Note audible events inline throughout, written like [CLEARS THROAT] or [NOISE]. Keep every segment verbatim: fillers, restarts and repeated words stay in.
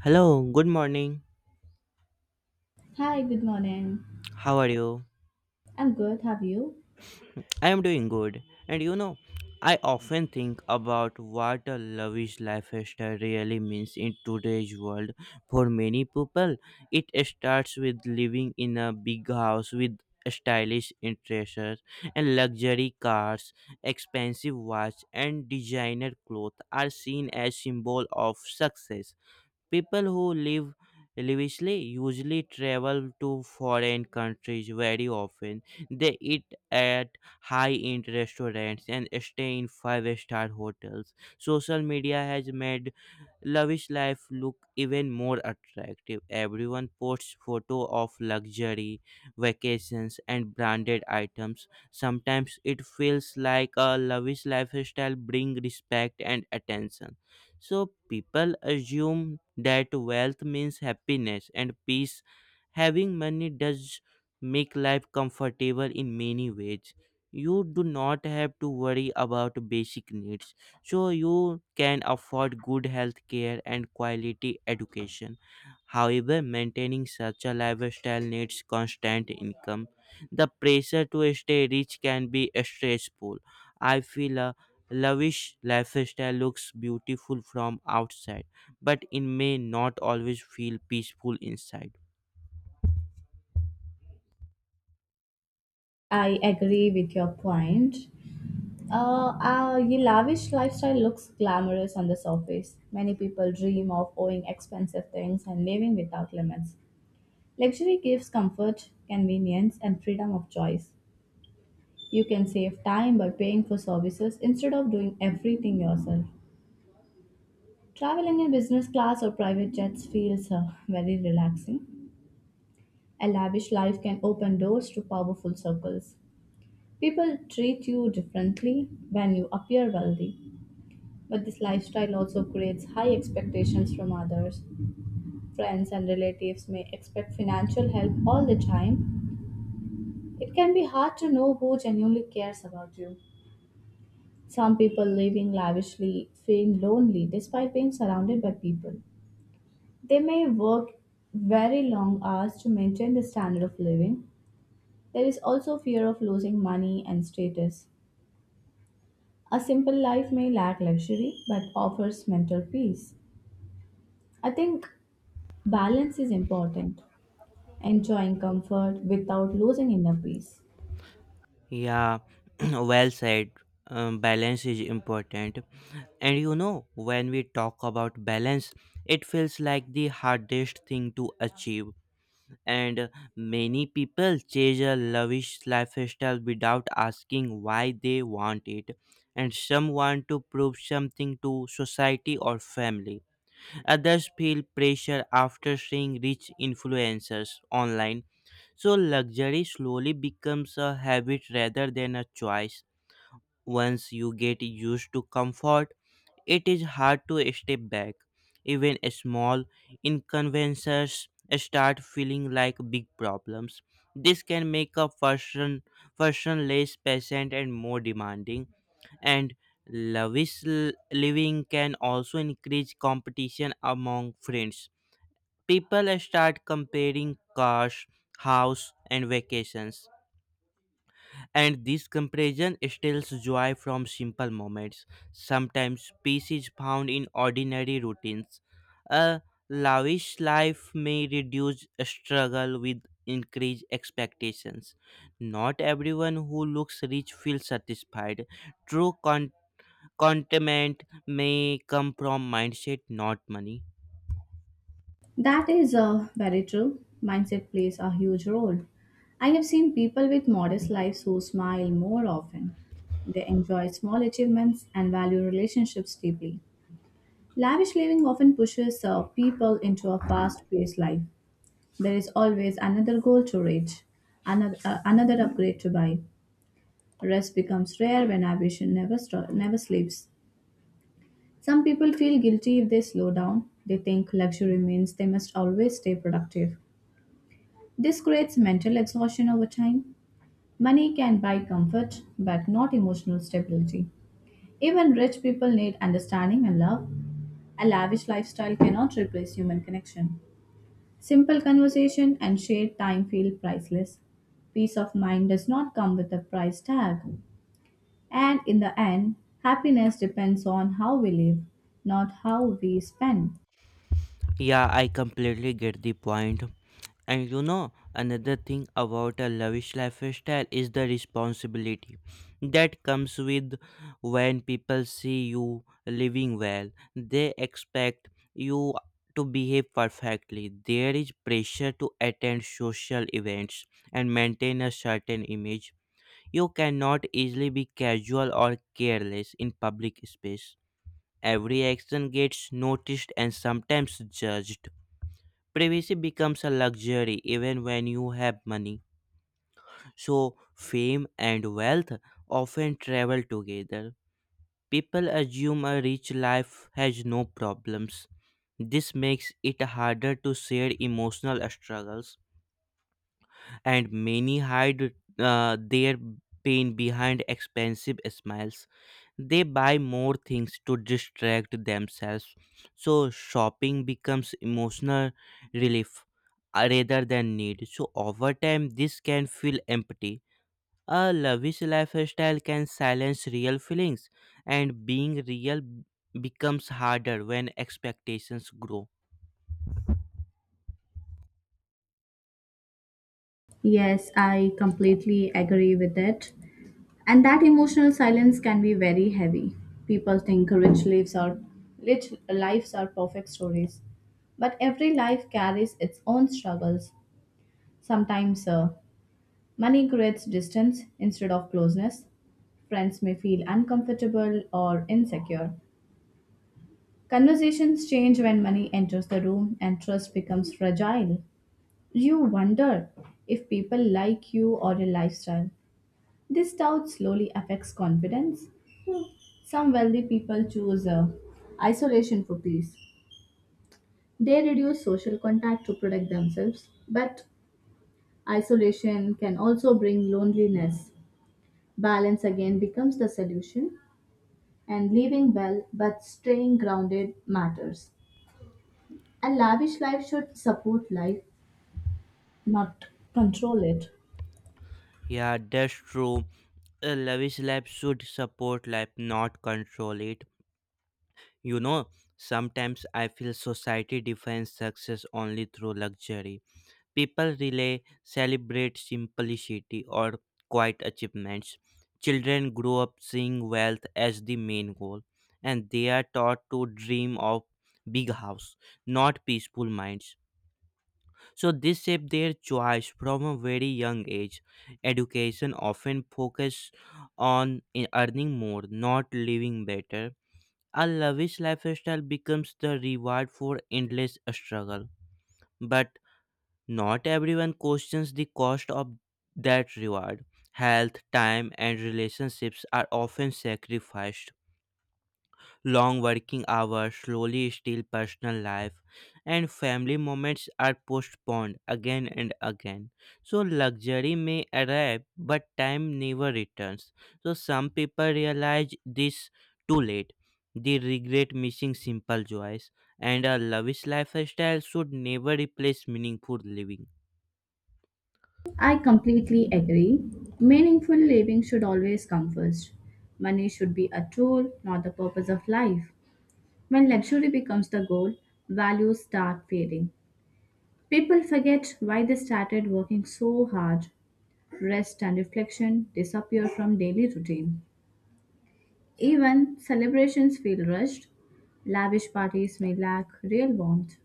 Hello, good morning. Hi, good morning. How are you? I'm good. Have you? I am doing good. And you know, I often think about what a lavish lifestyle really means in today's world. For many people, it starts with living in a big house with stylish interiors and luxury cars, expensive watch and designer clothes are seen as symbol of success. People who live lavishly usually travel to foreign countries very often. They eat at high-end restaurants and stay in five-star hotels. Social media has made lavish life look even more attractive. Everyone posts photo of luxury, vacations and branded items. Sometimes it feels like a lavish lifestyle bring respect and attention. So people assume that wealth means happiness and peace. Having money does make life comfortable in many ways. You do not have to worry about basic needs. So you can afford good health care and quality education. However, maintaining such a lifestyle needs constant income. The pressure to stay rich can be stressful. I feel a lavish lifestyle looks beautiful from outside, but it may not always feel peaceful inside. I agree with your point. Uh, uh, your lavish lifestyle looks glamorous on the surface. Many people dream of owning expensive things and living without limits. Luxury gives comfort, convenience, and freedom of choice. You can save time by paying for services instead of doing everything yourself. Traveling in business class or private jets feels uh, very relaxing. A lavish life can open doors to powerful circles. People treat you differently when you appear wealthy, but this lifestyle also creates high expectations from others. Friends and relatives may expect financial help all the time. It can be hard to know who genuinely cares about you. Some people living lavishly feel lonely despite being surrounded by people. They may work very long hours to maintain the standard of living. There is also fear of losing money and status. A simple life may lack luxury but offers mental peace. I think balance is important, enjoying comfort without losing inner peace. Yeah, [CLEARS THROAT] well said. Um, balance is important. And you know, when we talk about balance, it feels like the hardest thing to achieve. And uh, many people chase a lavish lifestyle without asking why they want it. And some want to prove something to society or family. Others feel pressure after seeing rich influencers online. So luxury slowly becomes a habit rather than a choice. Once you get used to comfort, it is hard to step back. Even small inconveniences start feeling like big problems. This can make a person, person less patient and more demanding. And lavish l- living can also increase competition among friends. People start comparing cars, house and vacations, and this comparison steals joy from simple moments. Sometimes peace is found in ordinary routines. A lavish life may reduce struggle with increased expectations. Not everyone who looks rich feels satisfied. True con- contentment may come from mindset, not money. That is uh, very true. Mindset plays a huge role. I have seen people with modest lives who smile more often. They enjoy small achievements and value relationships deeply. Lavish living often pushes uh, people into a fast paced life. There is always another goal to reach, another, uh, another upgrade to buy. Rest becomes rare when ambition never, sto- never sleeps. Some people feel guilty if they slow down. They think luxury means they must always stay productive. This creates mental exhaustion over time. Money can buy comfort, but not emotional stability. Even rich people need understanding and love. A lavish lifestyle cannot replace human connection. Simple conversation and shared time feel priceless. Peace of mind does not come with a price tag. And in the end, happiness depends on how we live, not how we spend. Yeah, I completely get the point. And you know, another thing about a lavish lifestyle is the responsibility that comes with when people see you living well. They expect you to behave perfectly. There is pressure to attend social events and maintain a certain image. You cannot easily be casual or careless in public space. Every action gets noticed and sometimes judged. Privacy becomes a luxury even when you have money. So, fame and wealth often travel together. People assume a rich life has no problems. This makes it harder to share emotional struggles, and many hide uh, their pain behind expensive smiles. They buy more things to distract themselves, so shopping becomes emotional relief uh, rather than need. So over time, this can feel empty. A lavish lifestyle can silence real feelings, and being real becomes harder when expectations grow. Yes, I completely agree with it. And that emotional silence can be very heavy. People think rich lives are rich lives are perfect stories, but every life carries its own struggles. Sometimes uh, money creates distance instead of closeness. Friends may feel uncomfortable or insecure. Conversations change when money enters the room and trust becomes fragile. You wonder if people like you or your lifestyle. This doubt slowly affects confidence. Some wealthy people choose uh, isolation for peace. They reduce social contact to protect themselves, but isolation can also bring loneliness. Balance again becomes the solution, and living well but staying grounded matters. A lavish life should support life, not control it. Yeah, that's true. A lavish life should support life, not control it. You know, Sometimes I feel society defines success only through luxury. People really celebrate simplicity or quiet achievements. Children grow up seeing wealth as the main goal, and they are taught to dream of big house, not peaceful minds. So this shapes their choice from a very young age. Education often focuses on e-, earning more, not living better. A lavish lifestyle becomes the reward for endless struggle. But not everyone questions the cost of that reward. Health, time, and relationships are often sacrificed. Long working hours slowly steal personal life, and family moments are postponed again and again. So, luxury may arrive, but time never returns. So, some people realize this too late. They regret missing simple joys, and a lavish lifestyle should never replace meaningful living. I completely agree. Meaningful living should always come first. Money should be a tool, not the purpose of life. When luxury becomes the goal, values start fading. People forget why they started working so hard. Rest and reflection disappear from daily routine. Even celebrations feel rushed. Lavish parties may lack real warmth.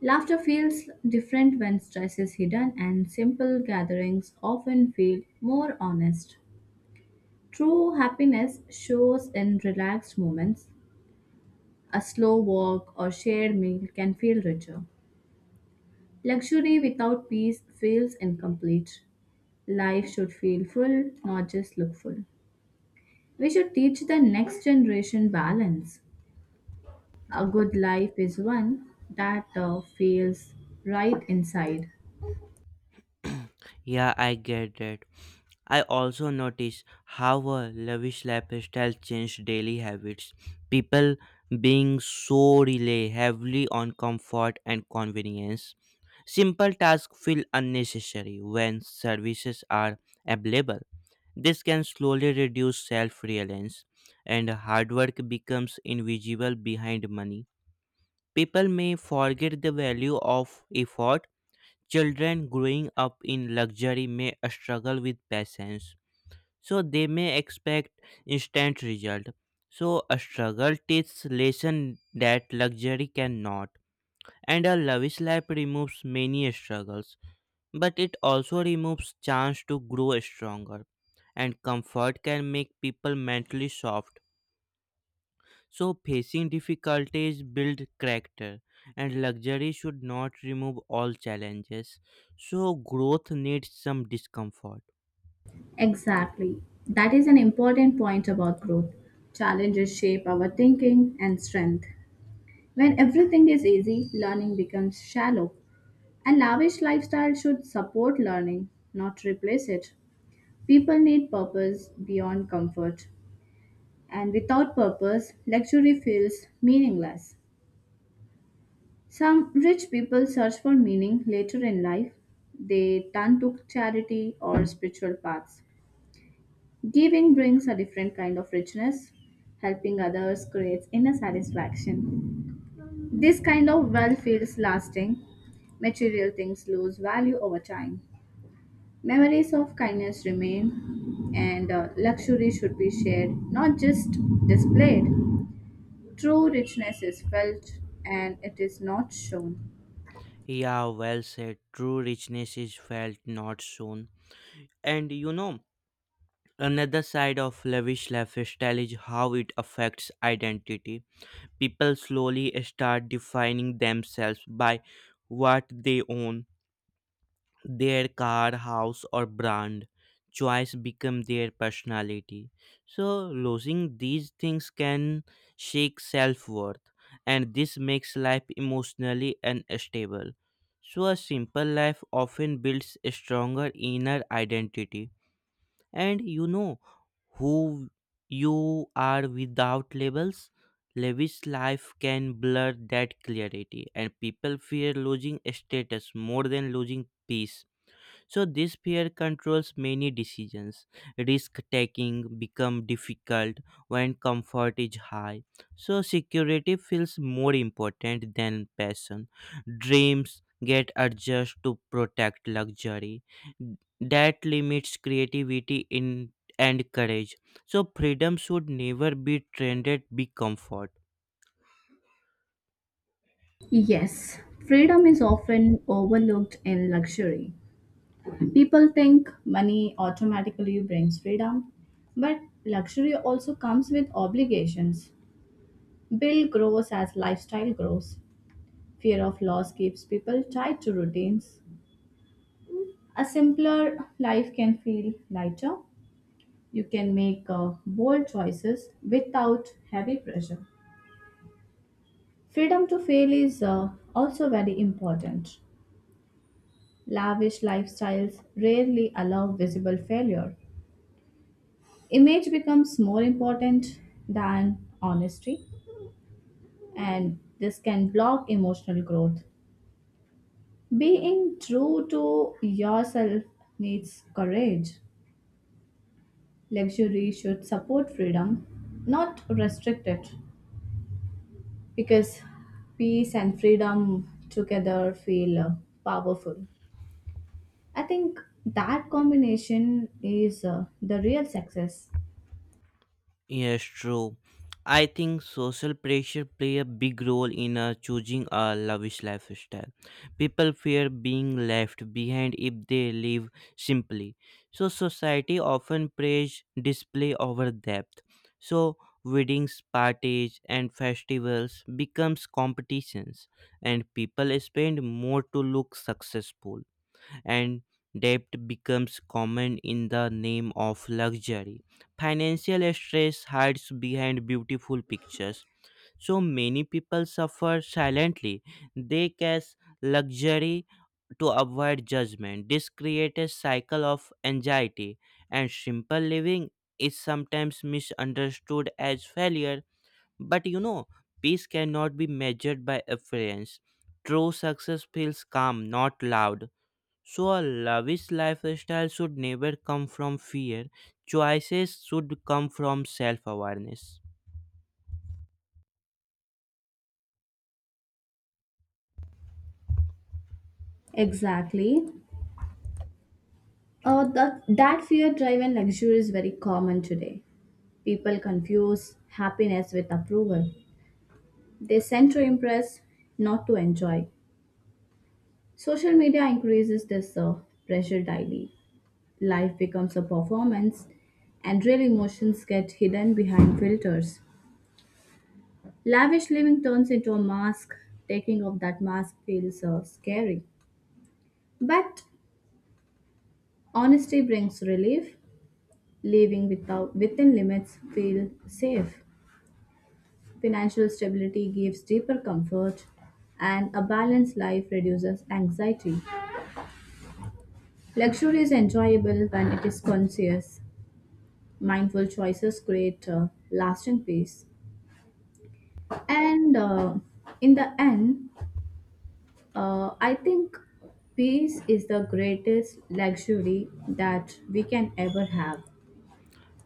Laughter feels different when stress is hidden, and simple gatherings often feel more honest. True happiness shows in relaxed moments. A slow walk or shared meal can feel richer. Luxury without peace feels incomplete. Life should feel full, not just look full. We should teach the next generation balance. A good life is one that uh, feels right inside. Yeah, I get that. I also notice how a lavish lifestyle changed daily habits. People being so rely heavily on comfort and convenience. Simple tasks feel unnecessary when services are available. This can slowly reduce self-reliance, and hard work becomes invisible behind money. People may forget the value of effort. Children growing up in luxury may struggle with patience, so they may expect instant result. So a struggle teaches lesson that luxury cannot, and a lavish life removes many struggles, but it also removes chance to grow stronger. And comfort can make people mentally soft. So, facing difficulties build character, and luxury should not remove all challenges. So, growth needs some discomfort. Exactly. That is an important point about growth. Challenges shape our thinking and strength. When everything is easy, learning becomes shallow. A lavish lifestyle should support learning, not replace it. People need purpose beyond comfort. And without purpose, luxury feels meaningless. Some rich people search for meaning later in life. They turn to charity or spiritual paths. Giving brings a different kind of richness. Helping others creates inner satisfaction. This kind of well feels lasting. Material things lose value over time. Memories of kindness remain, and uh, luxury should be shared, not just displayed. True richness is felt and it is not shown. Yeah, well said. True richness is felt, not shown. And you know, another side of lavish lifestyle is how it affects identity. People slowly start defining themselves by what they own, their car, house, or brand. Choice become their personality. So losing these things can shake self worth, and this makes life emotionally unstable. So a simple life often builds a stronger inner identity, and you know who you are without labels. Lavish life can blur that clarity, and people fear losing status more than losing peace. So this fear controls many decisions. Risk taking become difficult when comfort is high. So security feels more important than passion. Dreams get adjusted to protect luxury that limits creativity in and courage. So freedom should never be trended be comfort. Yes, freedom is often overlooked in luxury. People think money automatically brings freedom, but luxury also comes with obligations. Bill grows as lifestyle grows. Fear of loss keeps people tied to routines. A simpler life can feel lighter. You can make uh, bold choices without heavy pressure. Freedom to fail is uh, also very important. Lavish lifestyles rarely allow visible failure. Image becomes more important than honesty, and this can block emotional growth. Being true to yourself needs courage. Luxury should support freedom, not restrict it, because peace and freedom together feel uh, powerful. I think that combination is uh, the real success. Yes, true. I think social pressure play a big role in uh, choosing a lavish lifestyle. People fear being left behind if they live simply. So society often praise display over depth. So weddings, parties, and festivals becomes competitions, and people spend more to look successful, and debt becomes common in the name of luxury. Financial stress hides behind beautiful pictures. So many people suffer silently. They cash luxury to avoid judgment. This creates a cycle of anxiety, and simple living is sometimes misunderstood as failure. But you know, peace cannot be measured by appearance. True success feels calm, not loud. So, a lavish lifestyle should never come from fear. Choices should come from self awareness. Exactly. Uh, that, that fear driven luxury is very common today. People confuse happiness with approval. They send to impress, not to enjoy. Social media increases this uh, pressure daily. Life becomes a performance, and real emotions get hidden behind filters. Lavish living turns into a mask. Taking off that mask feels uh, scary. But honesty brings relief. Living without, within limits feels safe. Financial stability gives deeper comfort, and a balanced life reduces anxiety. Luxury is enjoyable when it is conscious. Mindful choices create uh, lasting peace. And uh, in the end, uh, I think peace is the greatest luxury that we can ever have.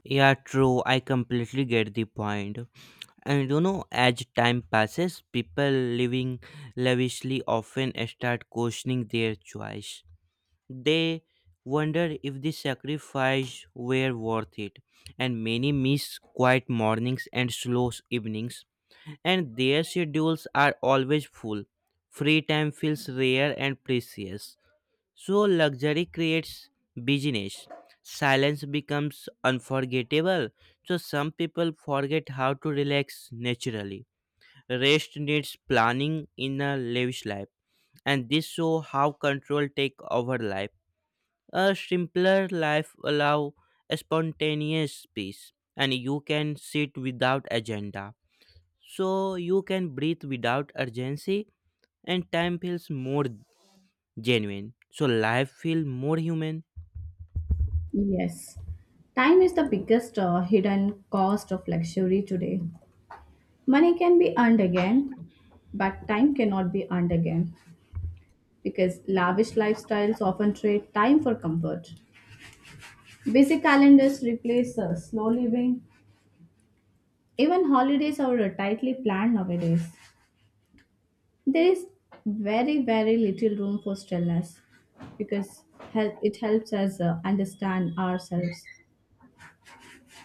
Yeah, true. I completely get the point. And you know, as time passes, people living lavishly often start questioning their choice. They wonder if the sacrifice were worth it, and many miss quiet mornings and slow evenings, and their schedules are always full. Free time feels rare and precious. So, luxury creates busyness. Silence becomes unforgettable. So, some people forget how to relax naturally. Rest needs planning in a lavish life, and this shows how control take over life. A simpler life allow a spontaneous peace, and you can sit without agenda. So you can breathe without urgency, and time feels more genuine. So life feels more human. Yes. Time is the biggest uh, hidden cost of luxury today. Money can be earned again, but time cannot be earned again because lavish lifestyles often trade time for comfort. Busy calendars replace uh, slow living. Even holidays are uh, tightly planned nowadays. There is very, very little room for stillness because hel- it helps us uh, understand ourselves.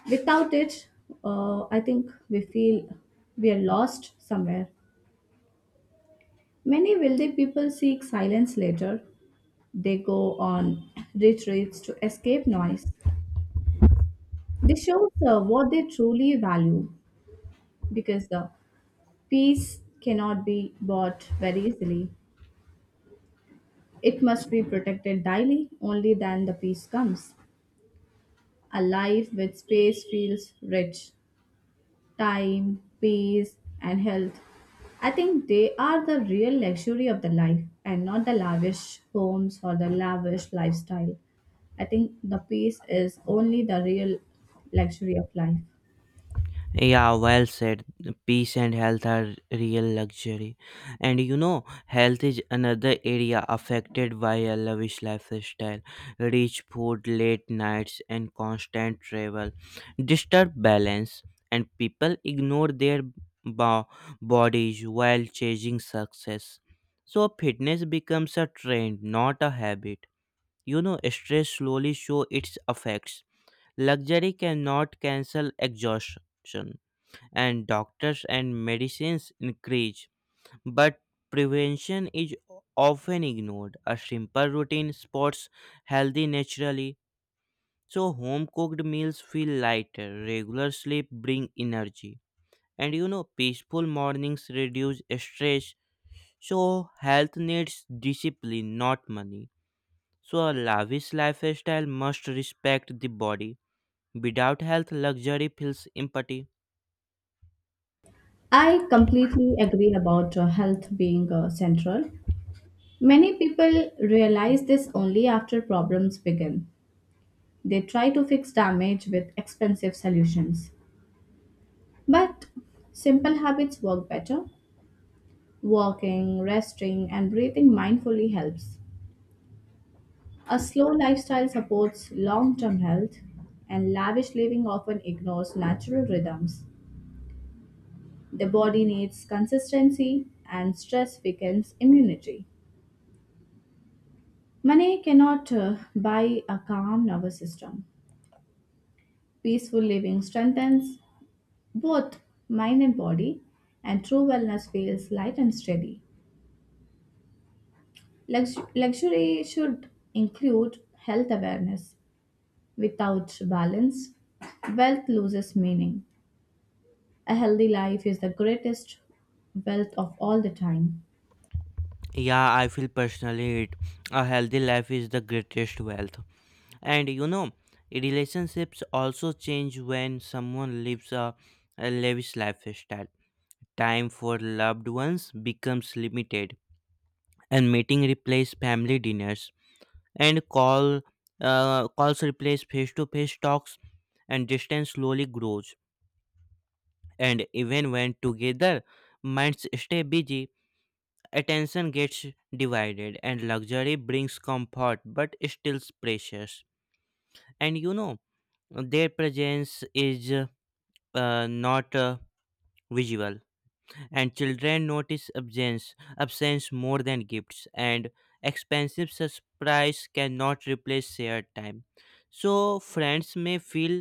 Without it, uh, I think we feel we are lost somewhere. Many wealthy people seek silence later. They go on retreats to escape noise. This shows uh, what they truly value because the peace cannot be bought very easily. It must be protected daily, only then the peace comes. A life with space feels rich. Time, peace, and health. I think they are the real luxury of the life and not the lavish homes or the lavish lifestyle. I think the peace is only the real luxury of life. Yeah, well said. Peace and health are real luxury. And you know, health is another area affected by a lavish lifestyle. Rich food, late nights, and constant travel disturb balance, and people ignore their bo- bodies while chasing success. So, fitness becomes a trend, not a habit. You know, stress slowly shows its effects. Luxury cannot cancel exhaustion, and doctors and medicines increase, but prevention is often ignored. A simple routine sports healthy naturally, so home cooked meals feel lighter. Regular sleep bring energy, and you know peaceful mornings reduce stress. So health needs discipline, not money. So a lavish lifestyle must respect the body. Without health, luxury feels empty. I completely agree about uh, health being uh, central. Many people realize this only after problems begin. They try to fix damage with expensive solutions. But simple habits work better. Walking, resting, and breathing mindfully helps. A slow lifestyle supports long term health, and lavish living often ignores natural rhythms. The body needs consistency, and stress weakens immunity. Money cannot uh, buy a calm nervous system. Peaceful living strengthens both mind and body, and true wellness feels light and steady. Lux- luxury should include health awareness. Without balance, wealth loses meaning. A healthy life is the greatest wealth of all the time. Yeah, I feel personally it. A healthy life is the greatest wealth. And you know, relationships also change when someone lives a, a lavish lifestyle. Time for loved ones becomes limited, and meeting replace family dinners, and call uh, calls replace face-to-face talks, and distance slowly grows. And even when together, minds stay busy. Attention gets divided, and luxury brings comfort but still precious. And you know, their presence is uh, not uh, visual, and children notice absence absence more than gifts, and expensive surprise cannot replace shared time. So friends may feel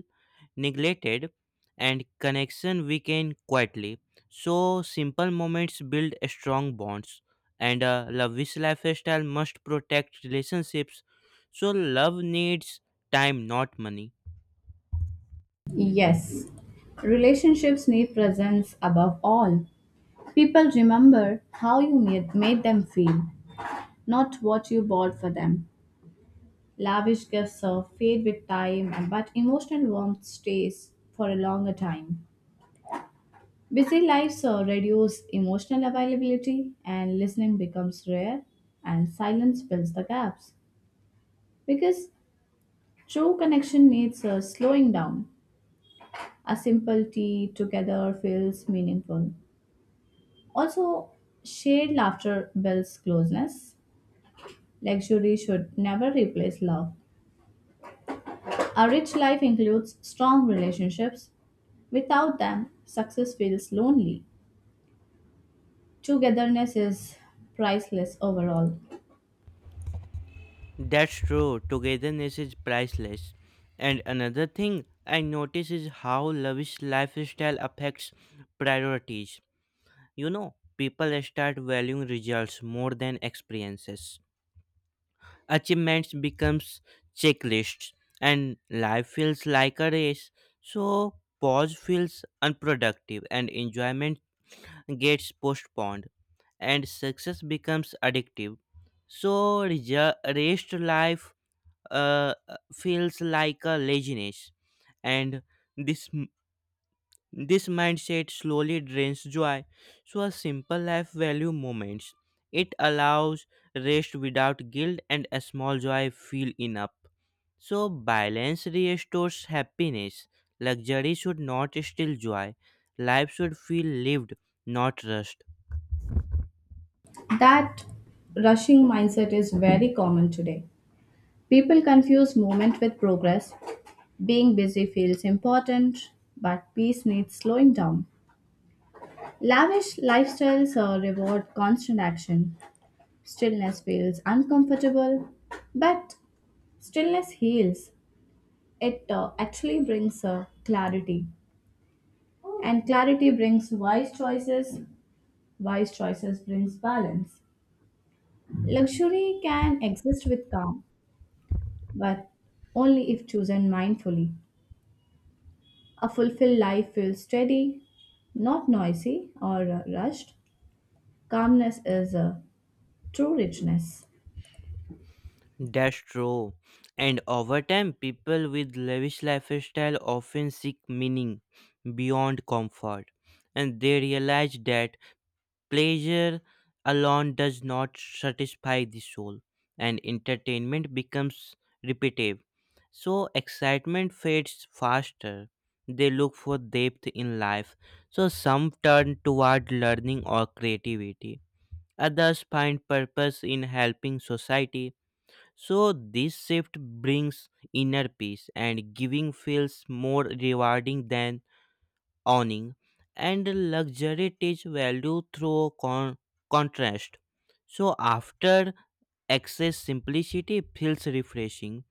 neglected, and connection weaken quietly. So simple moments build strong bonds, and a lavish lifestyle must protect relationships. So love needs time, not money. Yes, relationships need presence above all. People remember how you made, made them feel, not what you bought for them. Lavish gifts uh, fade with time, and- but emotional warmth stays for a longer time. Busy lives uh, reduce emotional availability, and listening becomes rare, and silence fills the gaps. Because true connection needs a slowing down. A simple tea together feels meaningful. Also, shared laughter builds closeness. Luxury should never replace love. A rich life includes strong relationships. Without them, success feels lonely. Togetherness is priceless overall. That's true. Togetherness is priceless. And another thing I notice is how lavish lifestyle affects priorities. You know, people start valuing results more than experiences. Achievements becomes checklists, and life feels like a race. So pause feels unproductive, and enjoyment gets postponed, and success becomes addictive. So reja- rest life uh, feels like a laziness, and this m- this mindset slowly drains joy. So a simple life value moments. It allows rest without guilt, and a small joy feel enough. So balance restores happiness. Luxury should not steal joy. Life should feel lived, not rushed. That rushing mindset is very common today. People confuse movement with progress. Being busy feels important, but peace needs slowing down. Lavish lifestyles uh, reward constant action. Stillness feels uncomfortable, but stillness heals. It uh, actually brings uh, clarity, and clarity brings wise choices. Wise choices brings balance. Luxury can exist with calm, but only if chosen mindfully. A fulfilled life feels steady, not noisy or uh, rushed. Calmness is a true richness. That's true. And over time, people with lavish lifestyle often seek meaning beyond comfort, and they realize that pleasure alone does not satisfy the soul, and entertainment becomes repetitive. So, excitement fades faster. They look for depth in life. So, some turn toward learning or creativity. Others find purpose in helping society. So this shift brings inner peace, and giving feels more rewarding than owning, and luxury teach value through con- contrast. So after excess simplicity feels refreshing.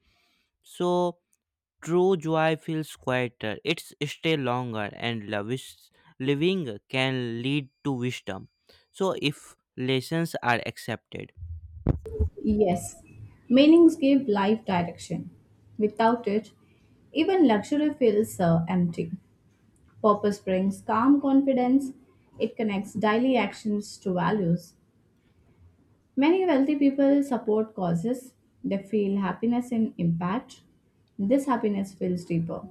So true joy feels quieter. It's stay longer, and lavish living can lead to wisdom. So if lessons are accepted. Yes, meanings give life direction. Without it, even luxury feels uh, empty. Purpose brings calm confidence. It connects daily actions to values. Many wealthy people support causes. They feel happiness in impact. This happiness feels deeper.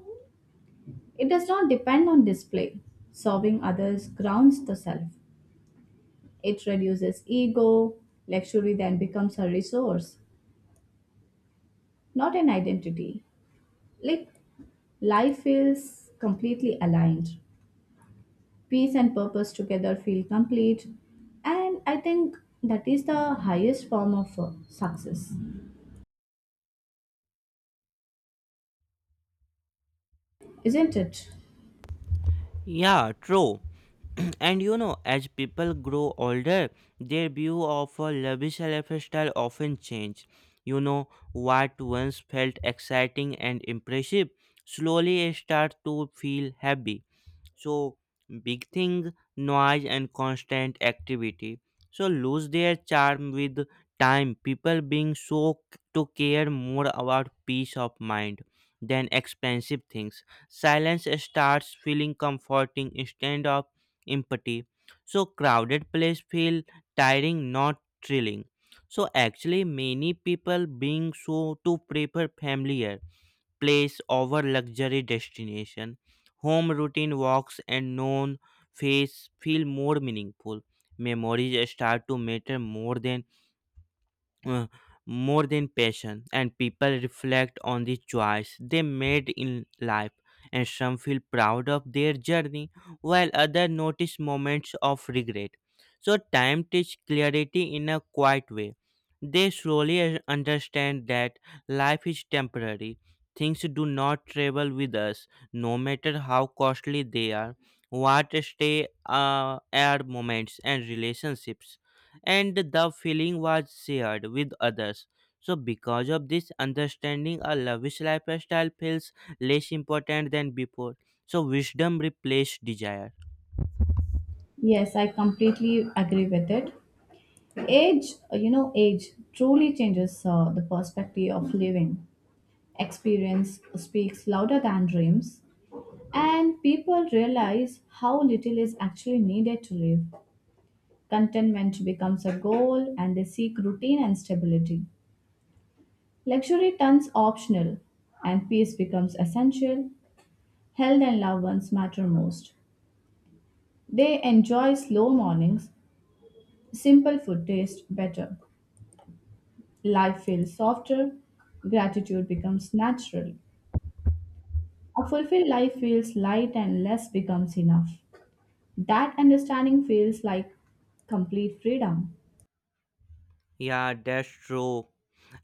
It does not depend on display. Serving others grounds the self. It reduces ego. Luxury then becomes a resource, not an identity. Like life feels completely aligned. Peace and purpose together feel complete. And I think that is the highest form of uh, success, isn't it? Yeah, true. [CLEARS THROAT] And you know, as people grow older, their view of a lavish lifestyle often change. You know, what once felt exciting and impressive slowly start to feel heavy. So big thing, noise and constant activity, so lose their charm with time. People being so c- to care more about peace of mind than expensive things. Silence starts feeling comforting instead of empty. So crowded place feel tiring, not thrilling. So actually many people being so to prefer familiar place over luxury destination. Home routine walks and known face feel more meaningful. Memories start to matter more than uh, more than passion, and people reflect on the choice they made in life, and some feel proud of their journey while others notice moments of regret. So time teaches clarity in a quiet way. They slowly un- understand that life is temporary. Things do not travel with us no matter how costly they are. What stay uh, are moments and relationships and the feeling was shared with others. So, because of this understanding, a lavish lifestyle feels less important than before. So, wisdom replaced desire. Yes, I completely agree with it. Age, uh, you know, age truly changes uh, the perspective of living. Experience speaks louder than dreams. And people realize how little is actually needed to live. Contentment becomes a goal and they seek routine and stability. Luxury turns optional and peace becomes essential. Health and loved ones matter most. They enjoy slow mornings, simple food tastes better. Life feels softer, gratitude becomes natural. A fulfilled life feels light and less becomes enough. That understanding feels like complete freedom. Yeah, that's true.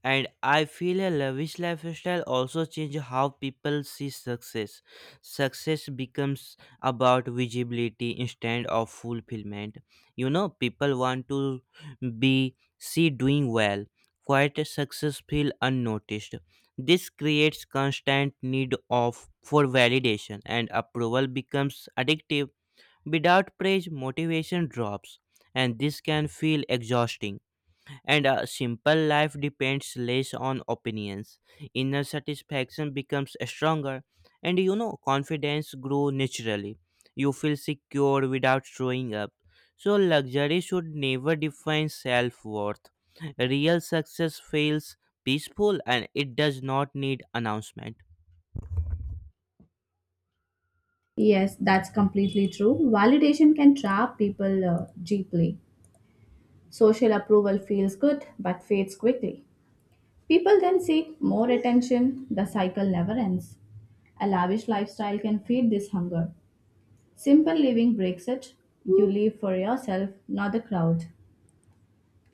And I feel a lavish lifestyle also changes how people see success. Success becomes about visibility instead of fulfillment. You know, people want to be see doing well. Quite a success feel unnoticed. This creates constant need of for validation, and approval becomes addictive. Without praise, motivation drops, and this can feel exhausting, and a simple life depends less on opinions. Inner satisfaction becomes stronger, and you know, confidence grows naturally. You feel secure without showing up. So, luxury should never define self worth. Real success feels peaceful, and it does not need announcement. Yes, that's completely true. Validation can trap people uh, deeply. Social approval feels good but fades quickly. People then seek more attention. The cycle never ends. A lavish lifestyle can feed this hunger. Simple living breaks it. You live for yourself, not the crowd.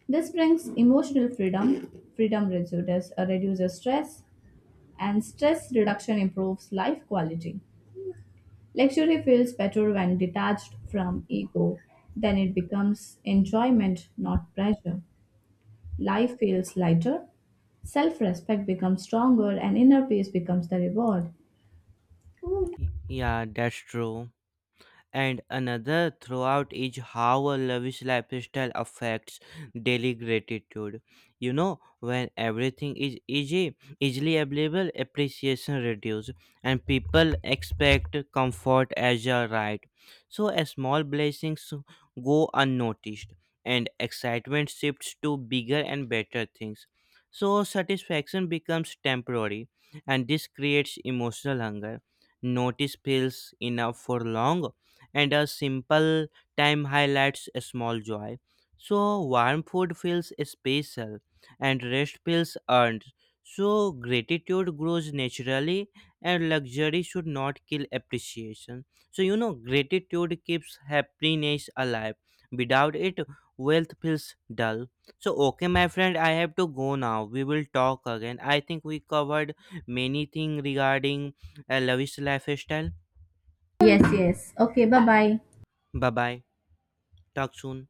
This brings emotional freedom. Freedom reduces, uh, reduces stress, and stress reduction improves life quality. Luxury feels better when detached from ego. Then it becomes enjoyment, not pressure. Life feels lighter. Self respect becomes stronger and inner peace becomes the reward. Yeah, that's true. And another throughout is how a lavish lifestyle affects daily gratitude. You know when everything is easy easily available appreciation reduces, and people expect comfort as a right. So a small blessings go unnoticed, and excitement shifts to bigger and better things. So satisfaction becomes temporary, and this creates emotional hunger. Notice feels enough for long, and a simple time highlights a small joy. So warm food feels special, and rest feels earned. So gratitude grows naturally, and luxury should not kill appreciation. So you know gratitude keeps happiness alive. Without it, wealth feels dull. So okay my friend, I have to go now. We will talk again. I think we covered many things regarding a lavish lifestyle. Yes, yes. Okay, bye bye. Bye bye. Talk soon.